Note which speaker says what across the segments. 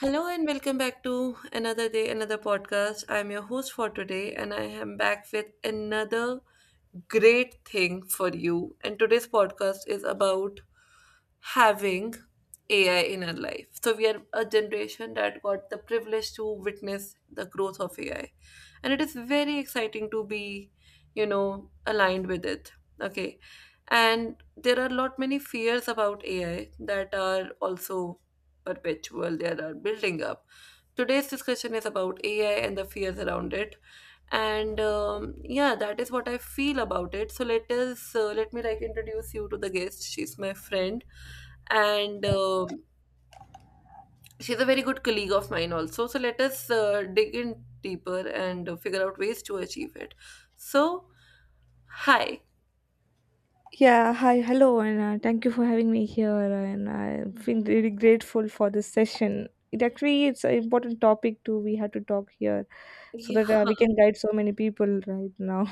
Speaker 1: Hello and welcome back to another day, another podcast. I'm your host for today, and I am back with another great thing for you. And today's podcast is about having AI in our life. So, we are a generation that got the privilege to witness the growth of AI, and it is very exciting to be, aligned with it. Okay, and there are a lot many fears about AI that are also perpetual that are building up. Today's discussion is about AI and the fears around it, and yeah, that is what I feel about it. So let me like introduce you to the guest. She's my friend, and she's a very good colleague of mine also. So let us dig in deeper and figure out ways to achieve it. So, hi.
Speaker 2: Yeah, hi, hello, and thank you for having me here. And I feel really grateful for this session. It's an important topic too. We had to talk here so
Speaker 1: Yeah.
Speaker 2: that we can guide so many people right now.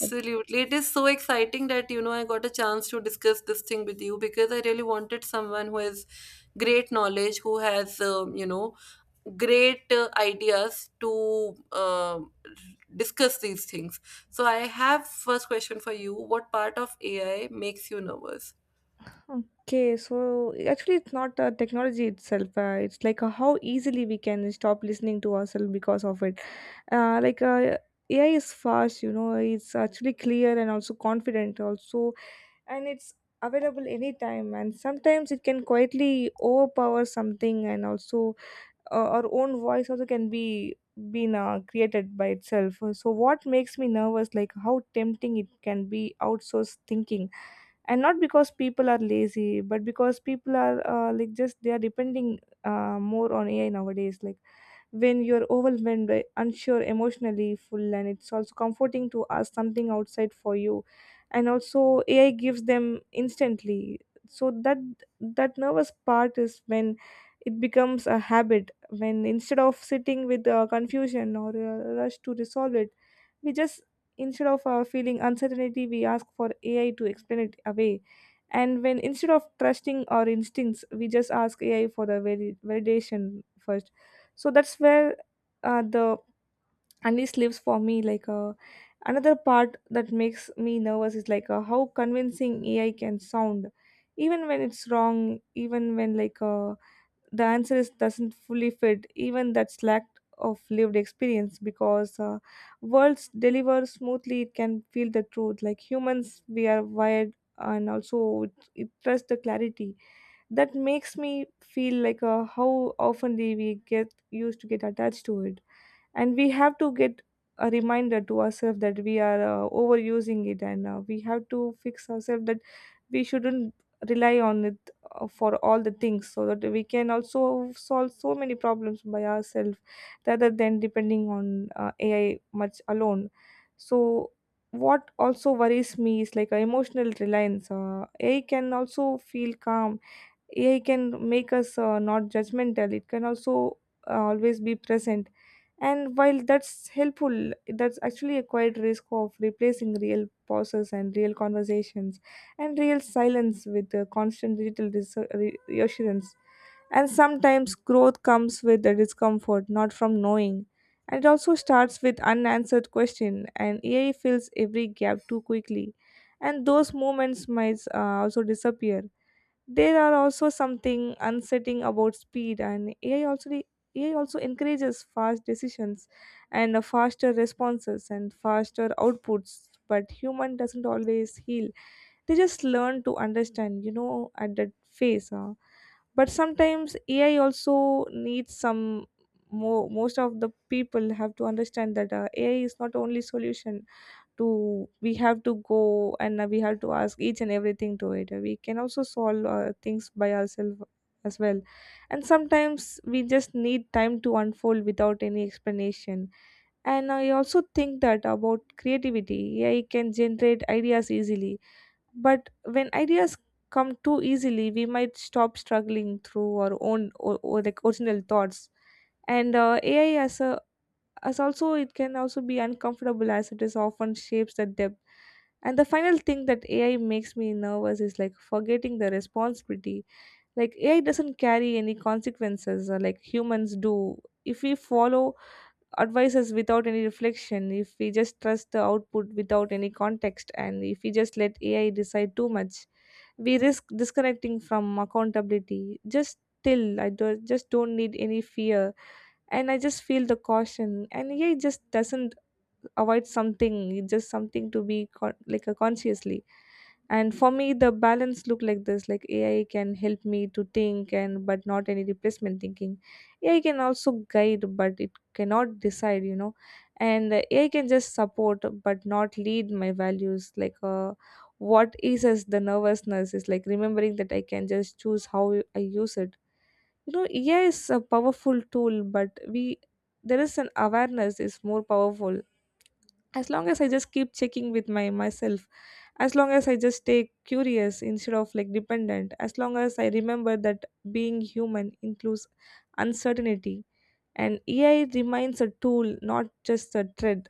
Speaker 1: It is so exciting that, you know, I got a chance to discuss this thing with you because I really wanted someone who has great knowledge, who has, great ideas to discuss these things. So I have first question for you. What part of AI makes you nervous?
Speaker 2: Okay, so actually, it's not the technology itself. It's how easily we can stop listening to ourselves because of it. Uh, like uh, AI is fast, you know. It's actually clear and also confident. Also, and it's available anytime, and sometimes it can quietly overpower something, and also our own voice also can be been created by itself. So what makes me nervous, like, how tempting it can be, outsourced thinking, and not because people are lazy, but because people are like just they are depending more on AI nowadays. Like, when you're overwhelmed by unsure, emotionally full, and it's also comforting to ask something outside for you, and also AI gives them instantly, so that nervous part is when it becomes a habit, when instead of sitting with confusion or a rush to resolve it, we just, instead of feeling uncertainty, we ask for AI to explain it away, and when instead of trusting our instincts, we just ask AI for the validation first. So that's where the Anis lives for me. Another part that makes me nervous is how convincing AI can sound, even when it's wrong, even when the answer is doesn't fully fit, even that's lack of lived experience. Because words deliver smoothly, it can feel the truth. Like humans, we are wired, and also it trusts the clarity. That makes me feel how often do we get used to get attached to it, and we have to get a reminder to ourselves that we are overusing it, and we have to fix ourselves that we shouldn't rely on it for all the things, so that we can also solve so many problems by ourselves, rather than depending on AI much alone. So what also worries me is emotional reliance. AI can also feel calm. AI can make us not judgmental. It can also always be present. And while that's helpful, that's actually a quiet risk of replacing real pauses and real conversations and real silence with constant digital reassurance. And sometimes growth comes with the discomfort, not from knowing. And it also starts with unanswered question, and AI fills every gap too quickly. And those moments might also disappear. There are also something unsettling about speed, and AI also encourages fast decisions and faster responses and faster outputs. But human doesn't always heal. They just learn to understand, you know, at that phase. But sometimes AI also needs some more most of the people have to understand that AI is not only solution, to we have to go and we have to ask each and everything to it. We can also solve things by ourselves as well, and sometimes we just need time to unfold without any explanation. And I also think that about creativity, AI can generate ideas easily, but when ideas come too easily, we might stop struggling through our own or original thoughts. And ai as a as also it can also be uncomfortable, as it is often shapes the depth. And the final thing that AI makes me nervous is like forgetting the responsibility. Like, AI doesn't carry any consequences like humans do. If we follow advices without any reflection, if we just trust the output without any context, and if we just let AI decide too much, we risk disconnecting from accountability. Just Still I do, just don't need any fear, and I just feel the caution. And yeah, it just doesn't avoid something, it's just something to be like a consciously. And for me the balance look like this: like AI can help me to think and but not any replacement thinking. AI can also guide, but it cannot decide, you know. And AI can just support but not lead my values. What is as the nervousness is like remembering that I can just choose how I use it, you know. AI is a powerful tool, but we, there is an awareness is more powerful. As long as I just keep checking with my myself, as long as I just stay curious instead of like dependent, as long as I remember that being human includes uncertainty, and AI remains a tool, not just a threat.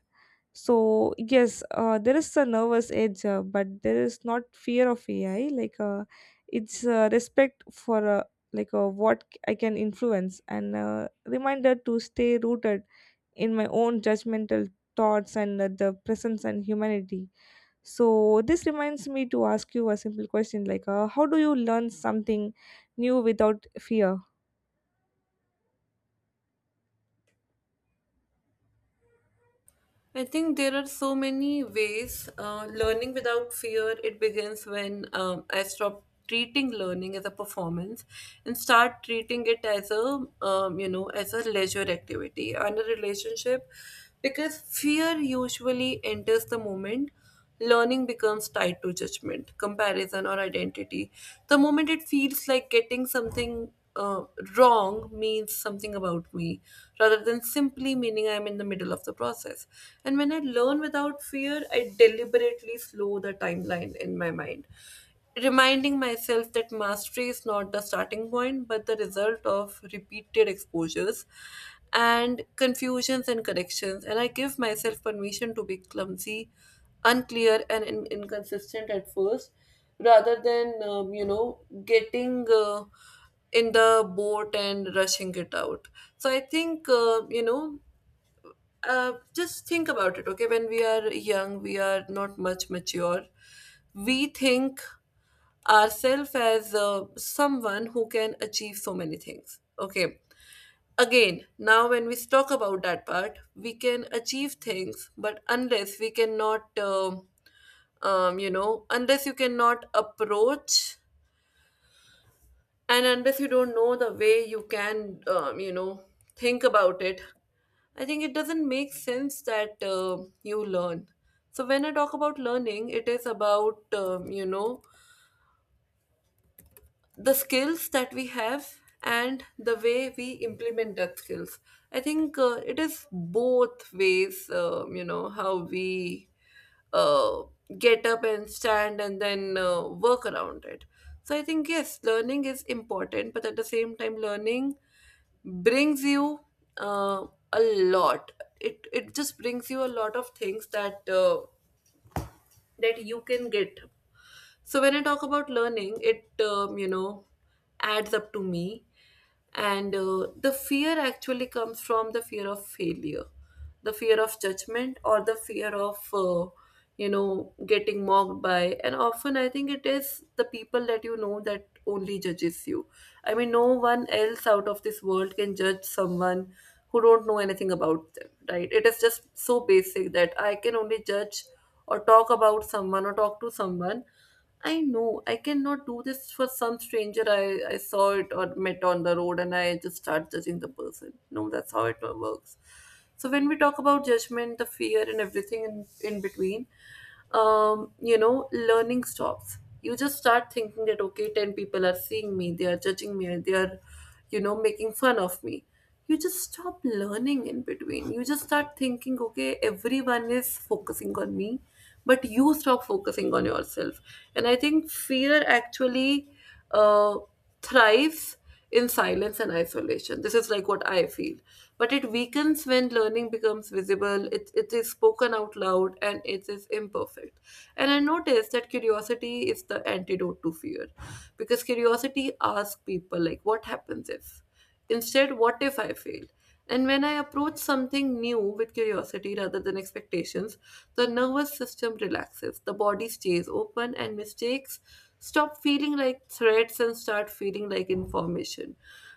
Speaker 2: So yes, there is a nervous edge, but there is not fear of AI. It's respect for what I can influence, and reminder to stay rooted in my own judgmental thoughts and the presence and humanity. So this reminds me to ask you a simple question, how do you learn something new without fear?
Speaker 1: I think there are so many ways. Learning without fear, it begins when I stop treating learning as a performance and start treating it as a, as a leisure activity and a relationship because fear usually enters the moment learning becomes tied to judgment, comparison, or identity. The moment it feels like getting something wrong means something about me, rather than simply meaning I'm in the middle of the process. And when I learn without fear, I deliberately slow the timeline in my mind, reminding myself that mastery is not the starting point but the result of repeated exposures and confusions and corrections. And I give myself permission to be clumsy, unclear, and inconsistent at first, rather than you know getting in the boat and rushing it out. So I think you know just think about it. Okay, when we are young, we are not much mature. We think ourselves as someone who can achieve so many things. Okay. Again, now when we talk about that part, we can achieve things, but unless we cannot, unless you cannot approach, and unless you don't know the way you can, think about it, I think it doesn't make sense that you learn. So when I talk about learning, it is about the skills that we have and the way we implement that skills. I think it is both ways, how we uh, get up and stand and then work around it. So I think yes, learning is important, but at the same time, learning brings you uh, a lot. It just brings you a lot of things that that you can get. So when I talk about learning, it adds up to me, and the fear actually comes from the fear of failure, the fear of judgment, or the fear of getting mocked by. And often I think it is the people that you know that only judges you. I mean, no one else out of this world can judge someone who don't know anything about them, right? It is just so basic that I can only judge or talk about someone or talk to someone I know. I cannot do this for some stranger I saw it or met on the road and I just start judging the person. No, that's how it works. So when we talk about judgment, the fear and everything in between, learning stops. You just start thinking that okay, 10 people are seeing me, they are judging me, they are, you know, making fun of me. You just stop learning in between. You just start thinking, okay, everyone is focusing on me, but you stop focusing on yourself. And I think fear actually uh, thrives in silence and isolation. This is like what I feel. But it weakens when learning becomes visible, it is spoken out loud, and it is imperfect. And I noticed that curiosity is the antidote to fear, because curiosity asks people, like, what happens if? Instead, what if I fail? And when I approach something new with curiosity rather than expectations, the nervous system relaxes, the body stays open, and mistakes stop feeling like threats and start feeling like information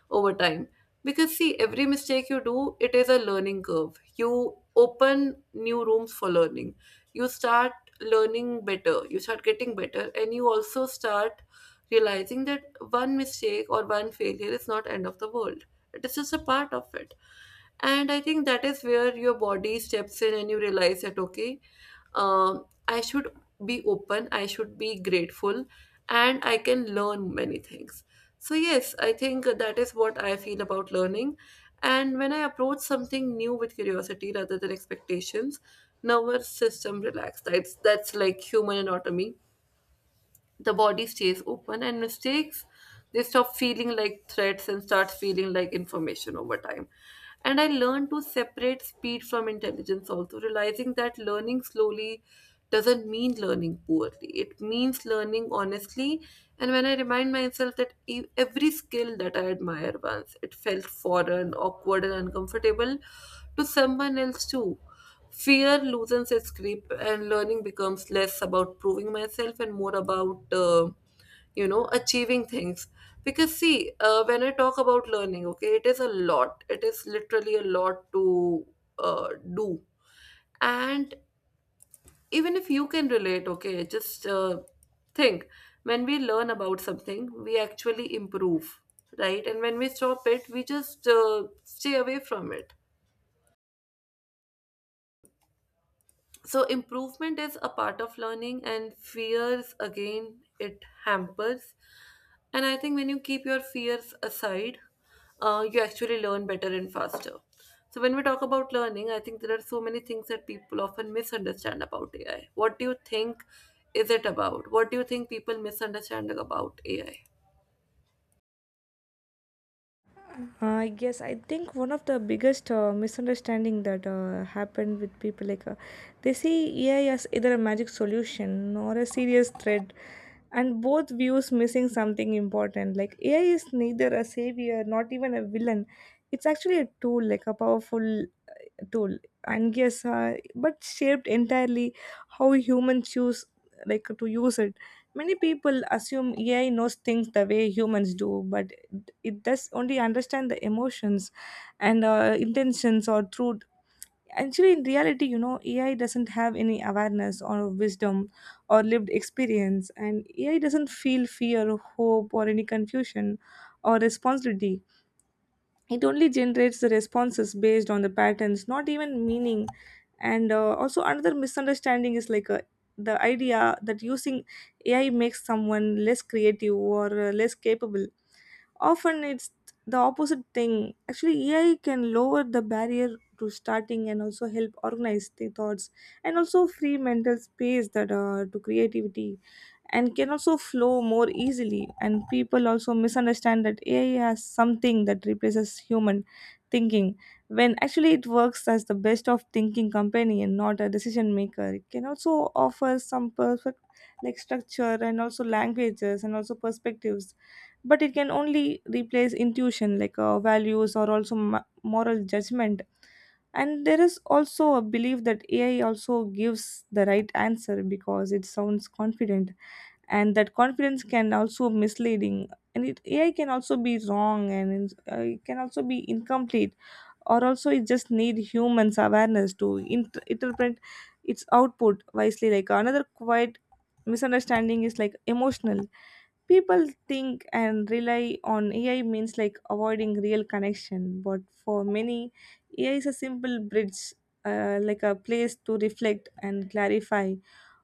Speaker 1: over time. Because, see, every mistake you do, it is a learning curve. You open new rooms for learning. You start learning better, you start getting better, and you also start realizing that one mistake or one failure is not end of the world, it is just a part of it. And I think that is where your body steps in and you realize that, okay, I should be open, I should be grateful, and I can learn many things. So, yes, I think that is what I feel about learning. And when I approach something new with curiosity rather than expectations, nervous system relaxed. That's like human anatomy. The body stays open and mistakes, they stop feeling like threats and start feeling like information over time. And I learned to separate speed from intelligence, also realizing that learning slowly doesn't mean learning poorly, it means learning honestly. And when I remind myself that every skill that I admire once, it felt foreign, awkward, and uncomfortable to someone else too, fear loosens its grip, and learning becomes less about proving myself and more about, achieving things. Because, see, when I talk about learning, okay, it is a lot. It is literally a lot to uh, do. And even if you can relate, okay, just think, when we learn about something, we actually improve, right? And when we stop it, we just stay away from it. So improvement is a part of learning, and fears again, it hampers. And I think when you keep your fears aside, you actually learn better and faster. So when we talk about learning, I think there are so many things that people often misunderstand about AI. What do you think is it about? What do you think people misunderstand about AI?
Speaker 2: Yes, I think one of the biggest misunderstanding that happened with people, they see AI as either a magic solution or a serious threat, and both views missing something important. Like, AI is neither a savior, not even a villain. It's actually a tool, like a powerful tool. And yes but shaped entirely how humans choose like to use it. Many people assume AI knows things the way humans do, but it does only understand the emotions and intentions or truth. Actually in reality, you know, AI doesn't have any awareness or wisdom or lived experience, and AI doesn't feel fear, hope, or any confusion, or responsibility. It only generates the responses based on the patterns, not even meaning. And also another misunderstanding is the idea that using AI makes someone less creative or less capable. Often it's the opposite thing. Actually AI can lower the barrier to starting, and also help organize the thoughts, and also free mental space that to creativity and can also flow more easily. And people also misunderstand that AI has something that replaces human thinking, when actually it works as the best of thinking companion, not a decision maker. It can also offer some perfect like structure and also languages and also perspectives, but it can only replace intuition like values or also moral judgment. And there is also a belief that AI also gives the right answer because it sounds confident, and that confidence can also misleading. And it AI can also be wrong, and it can also be incomplete, or also it just need humans awareness to interpret its output wisely. Like another quiet misunderstanding is like emotional, people think and rely on AI means like avoiding real connection, but for many, AI is a simple bridge, like a place to reflect and clarify,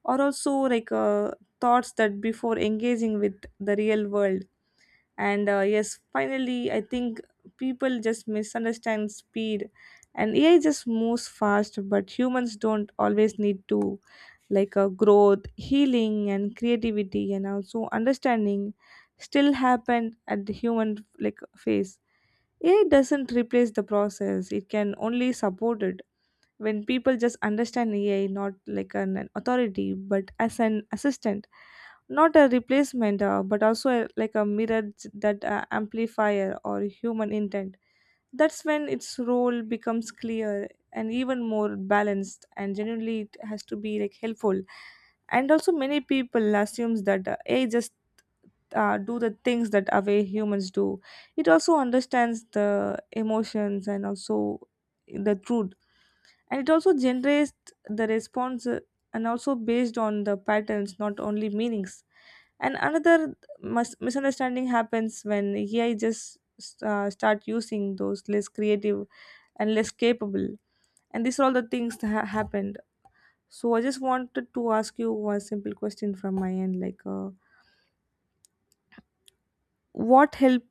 Speaker 2: or also thoughts that before engaging with the real world. And yes, finally I think people just misunderstand speed, and AI just moves fast, but humans don't always need to. Growth, healing, and creativity, and also understanding still happen at the human like phase. AI doesn't replace the process, it can only support it. When people just understand AI not like an authority but as an assistant, not a replacement, but also like a mirror that amplifier or human intent, that's when its role becomes clear and even more balanced and genuinely it has to be like helpful. And also many people assumes that AI just do the things that away humans do. It also understands the emotions and also the truth, and it also generates the response and also based on the patterns, not only meanings. And another misunderstanding happens when AI just start using those less creative and less capable. And these are all the things that happened. So I just wanted to ask you one simple question from my end, what help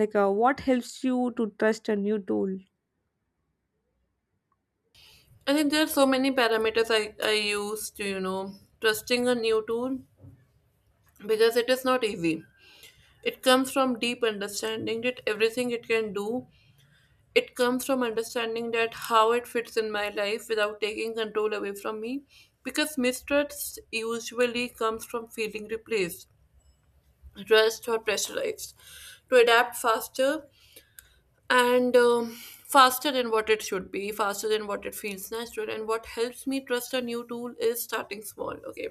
Speaker 2: what helps you to trust a new tool?
Speaker 1: I think there are so many parameters I use to, you know, trusting a new tool, because it is not easy. It comes from deep understanding that everything it can do, it comes from understanding that how it fits in my life without taking control away from me. Because mistrust usually comes from feeling replaced, rushed, or pressurized to adapt faster and faster than what it should be, faster than what it feels natural. And what helps me trust a new tool is starting small. Okay,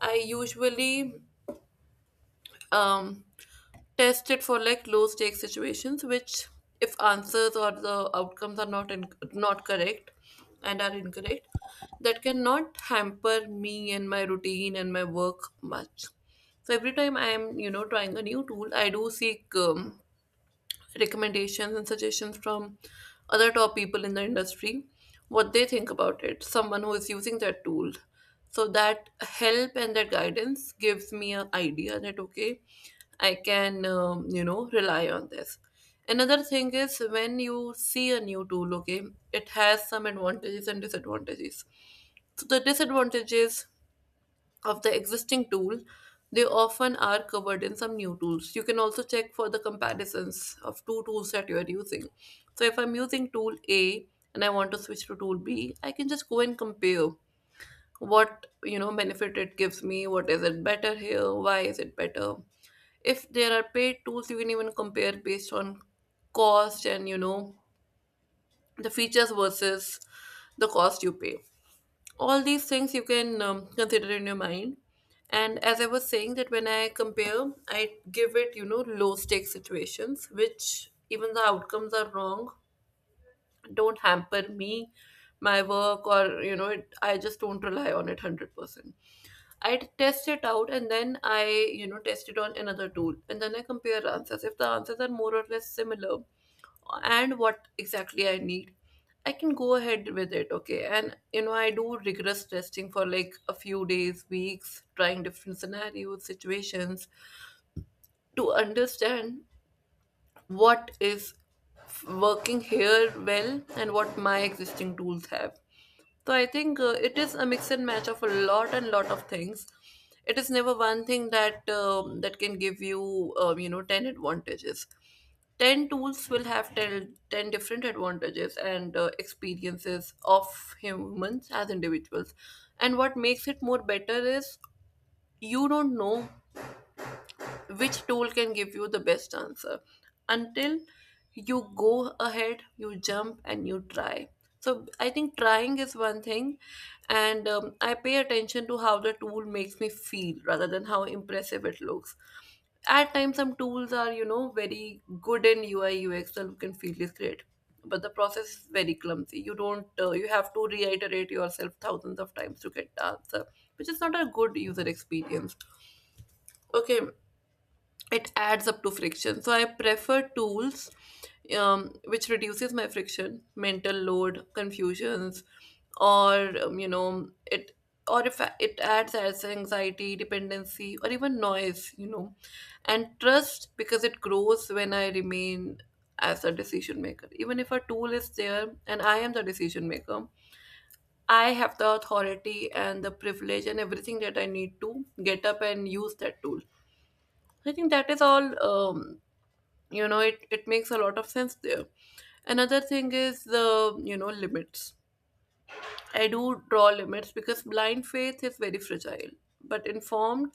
Speaker 1: I usually um test it for like low stake situations, which if answers or the outcomes are not correct and are incorrect, that cannot hamper me and my routine and my work much. So every time I am, you know, trying a new tool, I do seek recommendations and suggestions from other top people in the industry, what they think about it, someone who is using that tool. So that help and that guidance gives me an idea that okay, I can you know, rely on this. Another thing is when you see a new tool, okay, it has some advantages and disadvantages. So the disadvantages of the existing tool, they often are covered in some new tools. You can also check for the comparisons of two tools that you are using. So if I'm using tool A and I want to switch to tool B, I can just go and compare what you know benefit it gives me, what is it better here, why is it better. If there are paid tools, you can even compare based on cost and you know the features versus the cost you pay. All these things you can consider in your mind. And as I was saying that when I compare, I give it you know low stake situations, which even the outcomes are wrong, don't hamper me, my work, or you know it, I just don't rely on it 100%. I test it out and then I, you know, test it on another tool, and then I compare answers. If the answers are more or less similar and what exactly I need, I can go ahead with it, okay? And you know, I do rigorous testing for like a few days, weeks, trying different scenarios, situations to understand what is working here well and what my existing tools have. So I think it is a mix and match of a lot and lot of things. It is never one thing that that can give you you know ten advantages. Ten tools will have ten different advantages and experiences of humans as individuals. And what makes it more better is you don't know which tool can give you the best answer until you go ahead, you jump, and you try. So I think trying is one thing, and I pay attention to how the tool makes me feel rather than how impressive it looks. At times, some tools are, very good in UI UX. The look and feel is great, but the process is very clumsy. You don't You have to reiterate yourself thousands of times to get the answer, which is not a good user experience, okay? It adds up to friction, so I prefer tools, which reduces my friction, mental load, confusions, or you know it or if I- it adds as anxiety, dependency, or even noise. And trust, because it grows when I remain as a decision maker. Even if a tool is there and I am the decision maker, I have the authority and the privilege and everything that I need to get up and use that tool. I think that is all. It makes a lot of sense there. Another thing is the, limits. I do draw limits because blind faith is very fragile, but informed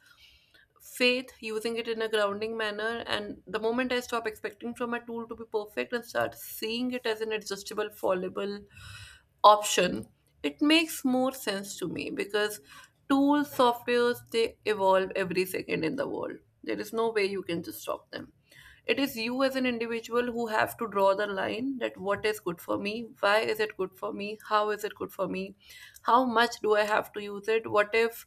Speaker 1: faith, using it in a grounding manner, and the moment I stop expecting from a tool to be perfect and start seeing it as an adjustable, fallible option, it makes more sense to me, because tools, softwares, they evolve every second in the world. There is no way you can just stop them. It is you as an individual who have to draw the line, that what is good for me, why is it good for me, how is it good for me, how much do I have to use it, what if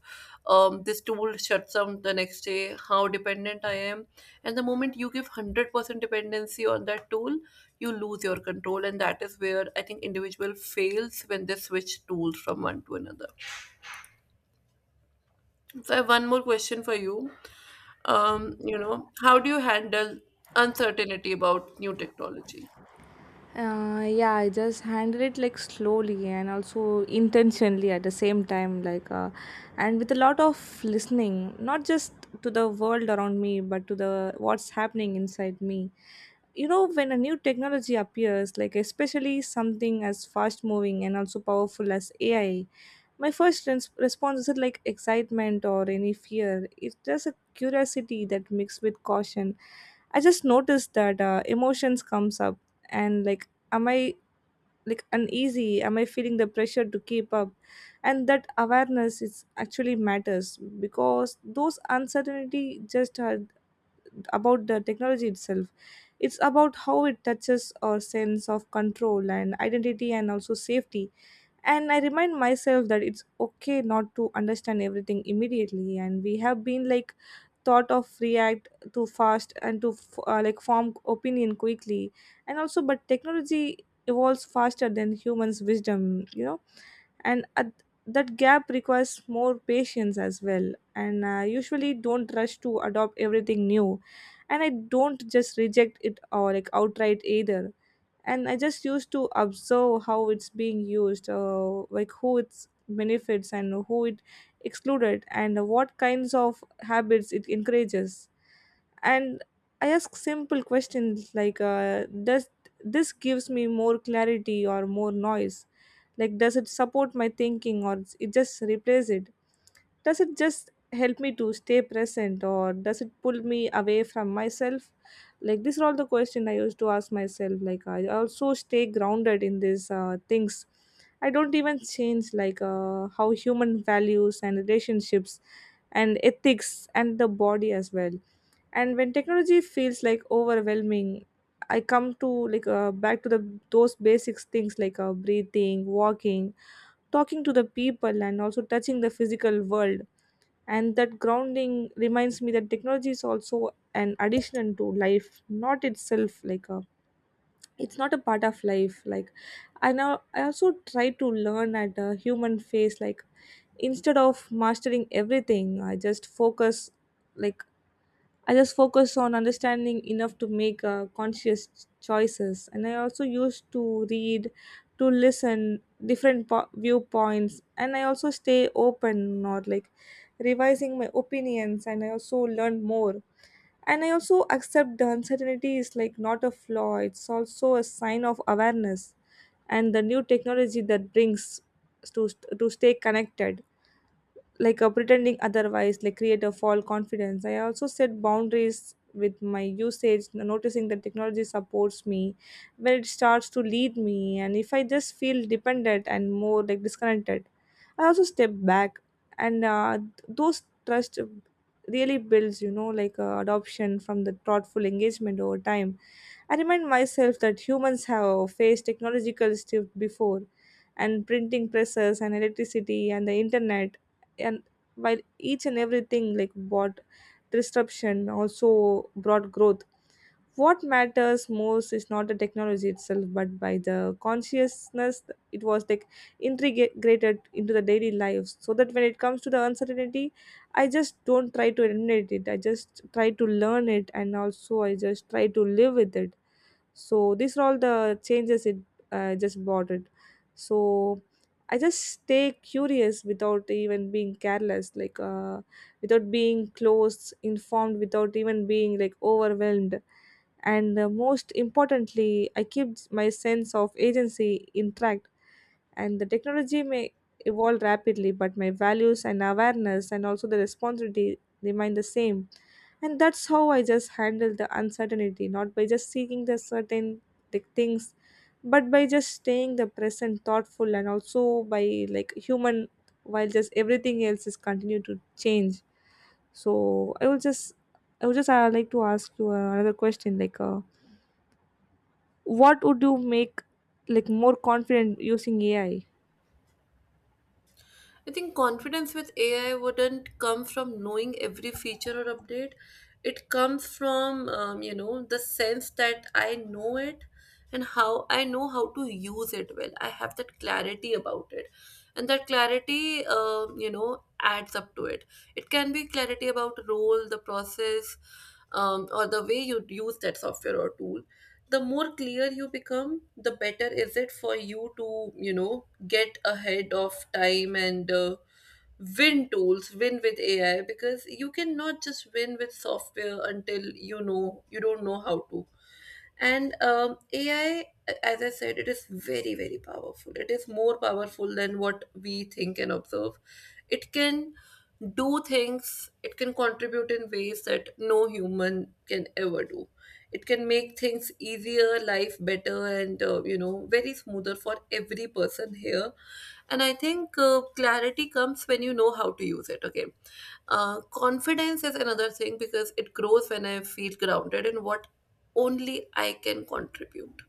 Speaker 1: this tool shuts down the next day, how dependent I am. And the moment you give 100% dependency on that tool, you lose your control, and that is where I think individual fails when they switch tools from one to another. So I have one more question for you. How do you handle uncertainty about new technology?
Speaker 2: Yeah, I just handle it like slowly and also intentionally at the same time, like, and with a lot of listening, not just to the world around me, but to the what's happening inside me. You know, when a new technology appears, like especially something as fast moving and also powerful as AI, my first response isn't like excitement or any fear, it's just a curiosity that mixed with caution. I just noticed that emotions comes up and like am I like uneasy, am I feeling the pressure to keep up, and that awareness is actually matters, because those uncertainty just are about the technology itself. It's about how it touches our sense of control and identity and also safety. And I remind myself that it's okay not to understand everything immediately, and we have been like thought of react too fast and to like form opinion quickly. And also but technology evolves faster than humans wisdom, you know, and at, that gap requires more patience as well, and usually don't rush to adopt everything new. And I don't just reject it or like outright either, and I just used to observe how it's being used, like who its benefits and who it excluded and what kinds of habits it encourages. And I ask simple questions like, does this gives me more clarity or more noise, like does it support my thinking or it just replaces it, does it just help me to stay present or does it pull me away from myself. Like these are all the questions I used to ask myself. Like I also stay grounded in these things I don't even change, like how human values and relationships and ethics and the body as well. And when technology feels like overwhelming, I come to, like, back to the those basics things like, breathing, walking, talking to the people and also touching the physical world. And that grounding reminds me that technology is also an addition to life, not itself like a, it's not a part of life. Like I now I also try to learn at a human face, like instead of mastering everything I just focus, like I just focus on understanding enough to make conscious choices. And I also used to read, to listen different viewpoints, and I also stay open or like revising my opinions. And I also learn more. And I also accept the uncertainty is like not a flaw; it's also a sign of awareness, and the new technology that brings to to stay connected, like, pretending otherwise like create a false confidence. I also set boundaries with my usage, noticing that technology supports me when it starts to lead me, and if I just feel dependent and more like disconnected, I also step back. And those trust really builds, you know, like adoption from the thoughtful engagement over time. I remind myself that humans have faced technological shift before, and printing presses and electricity and the internet, and while each and everything like what disruption also brought growth. What matters most is not the technology itself, but by the consciousness it was like integrated into the daily lives. So that when it comes to the uncertainty, I just don't try to eliminate it. I just try to learn it, and also I just try to live with it. So these are all the changes it just brought it. So I just stay curious without even being careless. Like, without being close informed, without even being like overwhelmed, and most importantly I keep my sense of agency intact. And the technology may evolve rapidly, but my values and awareness and also the responsibility remain the same. And that's how I just handle the uncertainty, not by just seeking the certain like things, but by just staying the present thoughtful and also by like human, while just everything else is continue to change. So I would just like to ask you another question, like, what would you make like more confident using AI?
Speaker 1: I think confidence with AI wouldn't come from knowing every feature or update. It comes from the sense that I know it and how I know how to use it well. I have that clarity about it. And that clarity, adds up to it. It can be clarity about role, the process, or the way you use that software or tool. The more clear you become, the better is it for you to get ahead of time, and win tools, win with AI, because you cannot just win with software, until you don't know how to. And AI, as I said, it is very, very powerful. It is more powerful than what we think and observe. It can do things, it can contribute in ways that no human can ever do. It can make things easier, life better, and very smoother for every person here. And I think clarity comes when you know how to use it, okay? Confidence is another thing, because it grows when I feel grounded in what only I can contribute.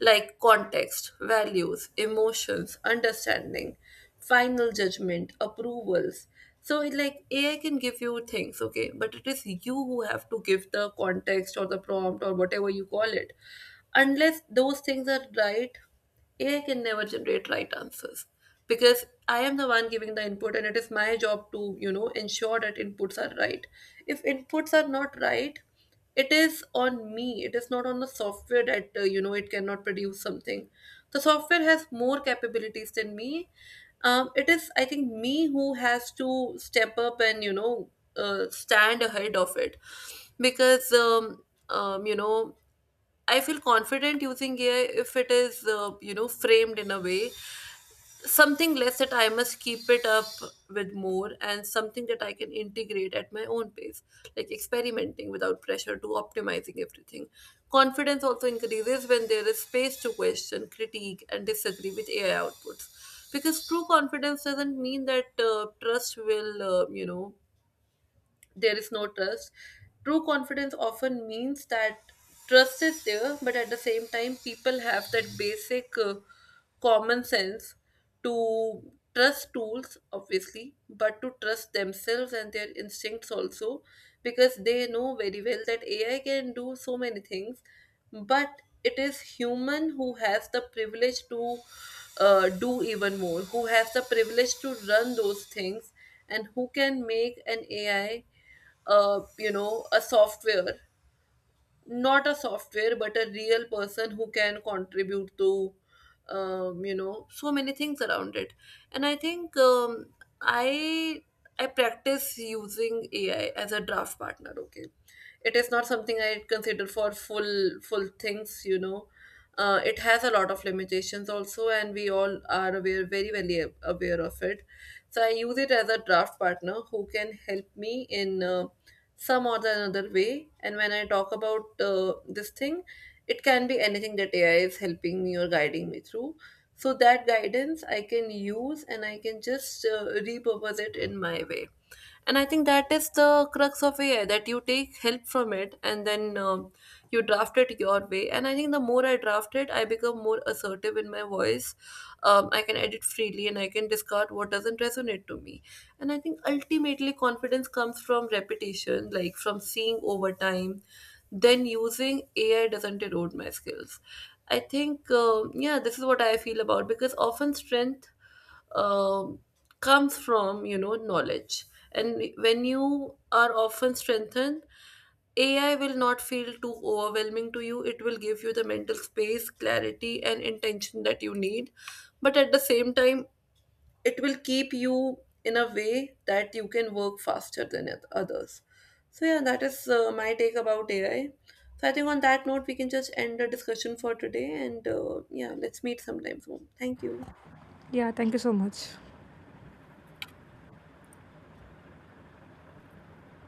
Speaker 1: Like context, values, emotions, understanding, final judgment, approvals. So, it like AI can give you things, okay, but it is you who have to give the context, or the prompt, or whatever you call it. Unless those things are right, AI can never generate right answers, because I am the one giving the input and it is my job to, ensure that inputs are right. If inputs are not right, it is on me, it is not on the software that it cannot produce something. The software has more capabilities than me. It is, I think, me who has to step up and stand ahead of it. Because um, um, you know i feel confident using AI if it is framed in a way, something less that I must keep it up with more, and something that I can integrate at my own pace, like experimenting without pressure to optimizing everything. Confidence also increases when there is space to question, critique, and disagree with AI outputs. Because true confidence doesn't mean that trust will, there is no trust. True confidence often means that trust is there, but at the same time, people have that basic common sense to trust tools, obviously, but to trust themselves and their instincts also, because they know very well that AI can do so many things, but it is human who has the privilege to do even more, who has the privilege to run those things and who can make an AI, a software, not a software, but a real person who can contribute to so many things around it. And I think, i I practice using AI as a draft partner, okay? It is not something I consider for full things. It has a lot of limitations also, and we all are aware, very well aware of it. So I use it as a draft partner who can help me in some or the another way. And when I talk about this thing, it can be anything that AI is helping me or guiding me through. So that guidance I can use and I can just repurpose it in my way. And I think that is the crux of AI, that you take help from it and then you draft it your way. And I think the more I draft it, I become more assertive in my voice. I can edit freely and I can discard what doesn't resonate to me. And I think ultimately confidence comes from repetition, like from seeing over time then using AI doesn't erode my skills. I think yeah, this is what I feel about, because often strength um, comes from, knowledge. And when you are often strengthened, AI will not feel too overwhelming to you. It will give you the mental space, clarity, and intention that you need. But at the same time, it will keep you in a way that you can work faster than others. So, yeah, that is my take about AI. So, I think on that note, we can just end the discussion for today. And yeah, let's meet sometime soon. Thank you.
Speaker 2: Yeah, thank you so much.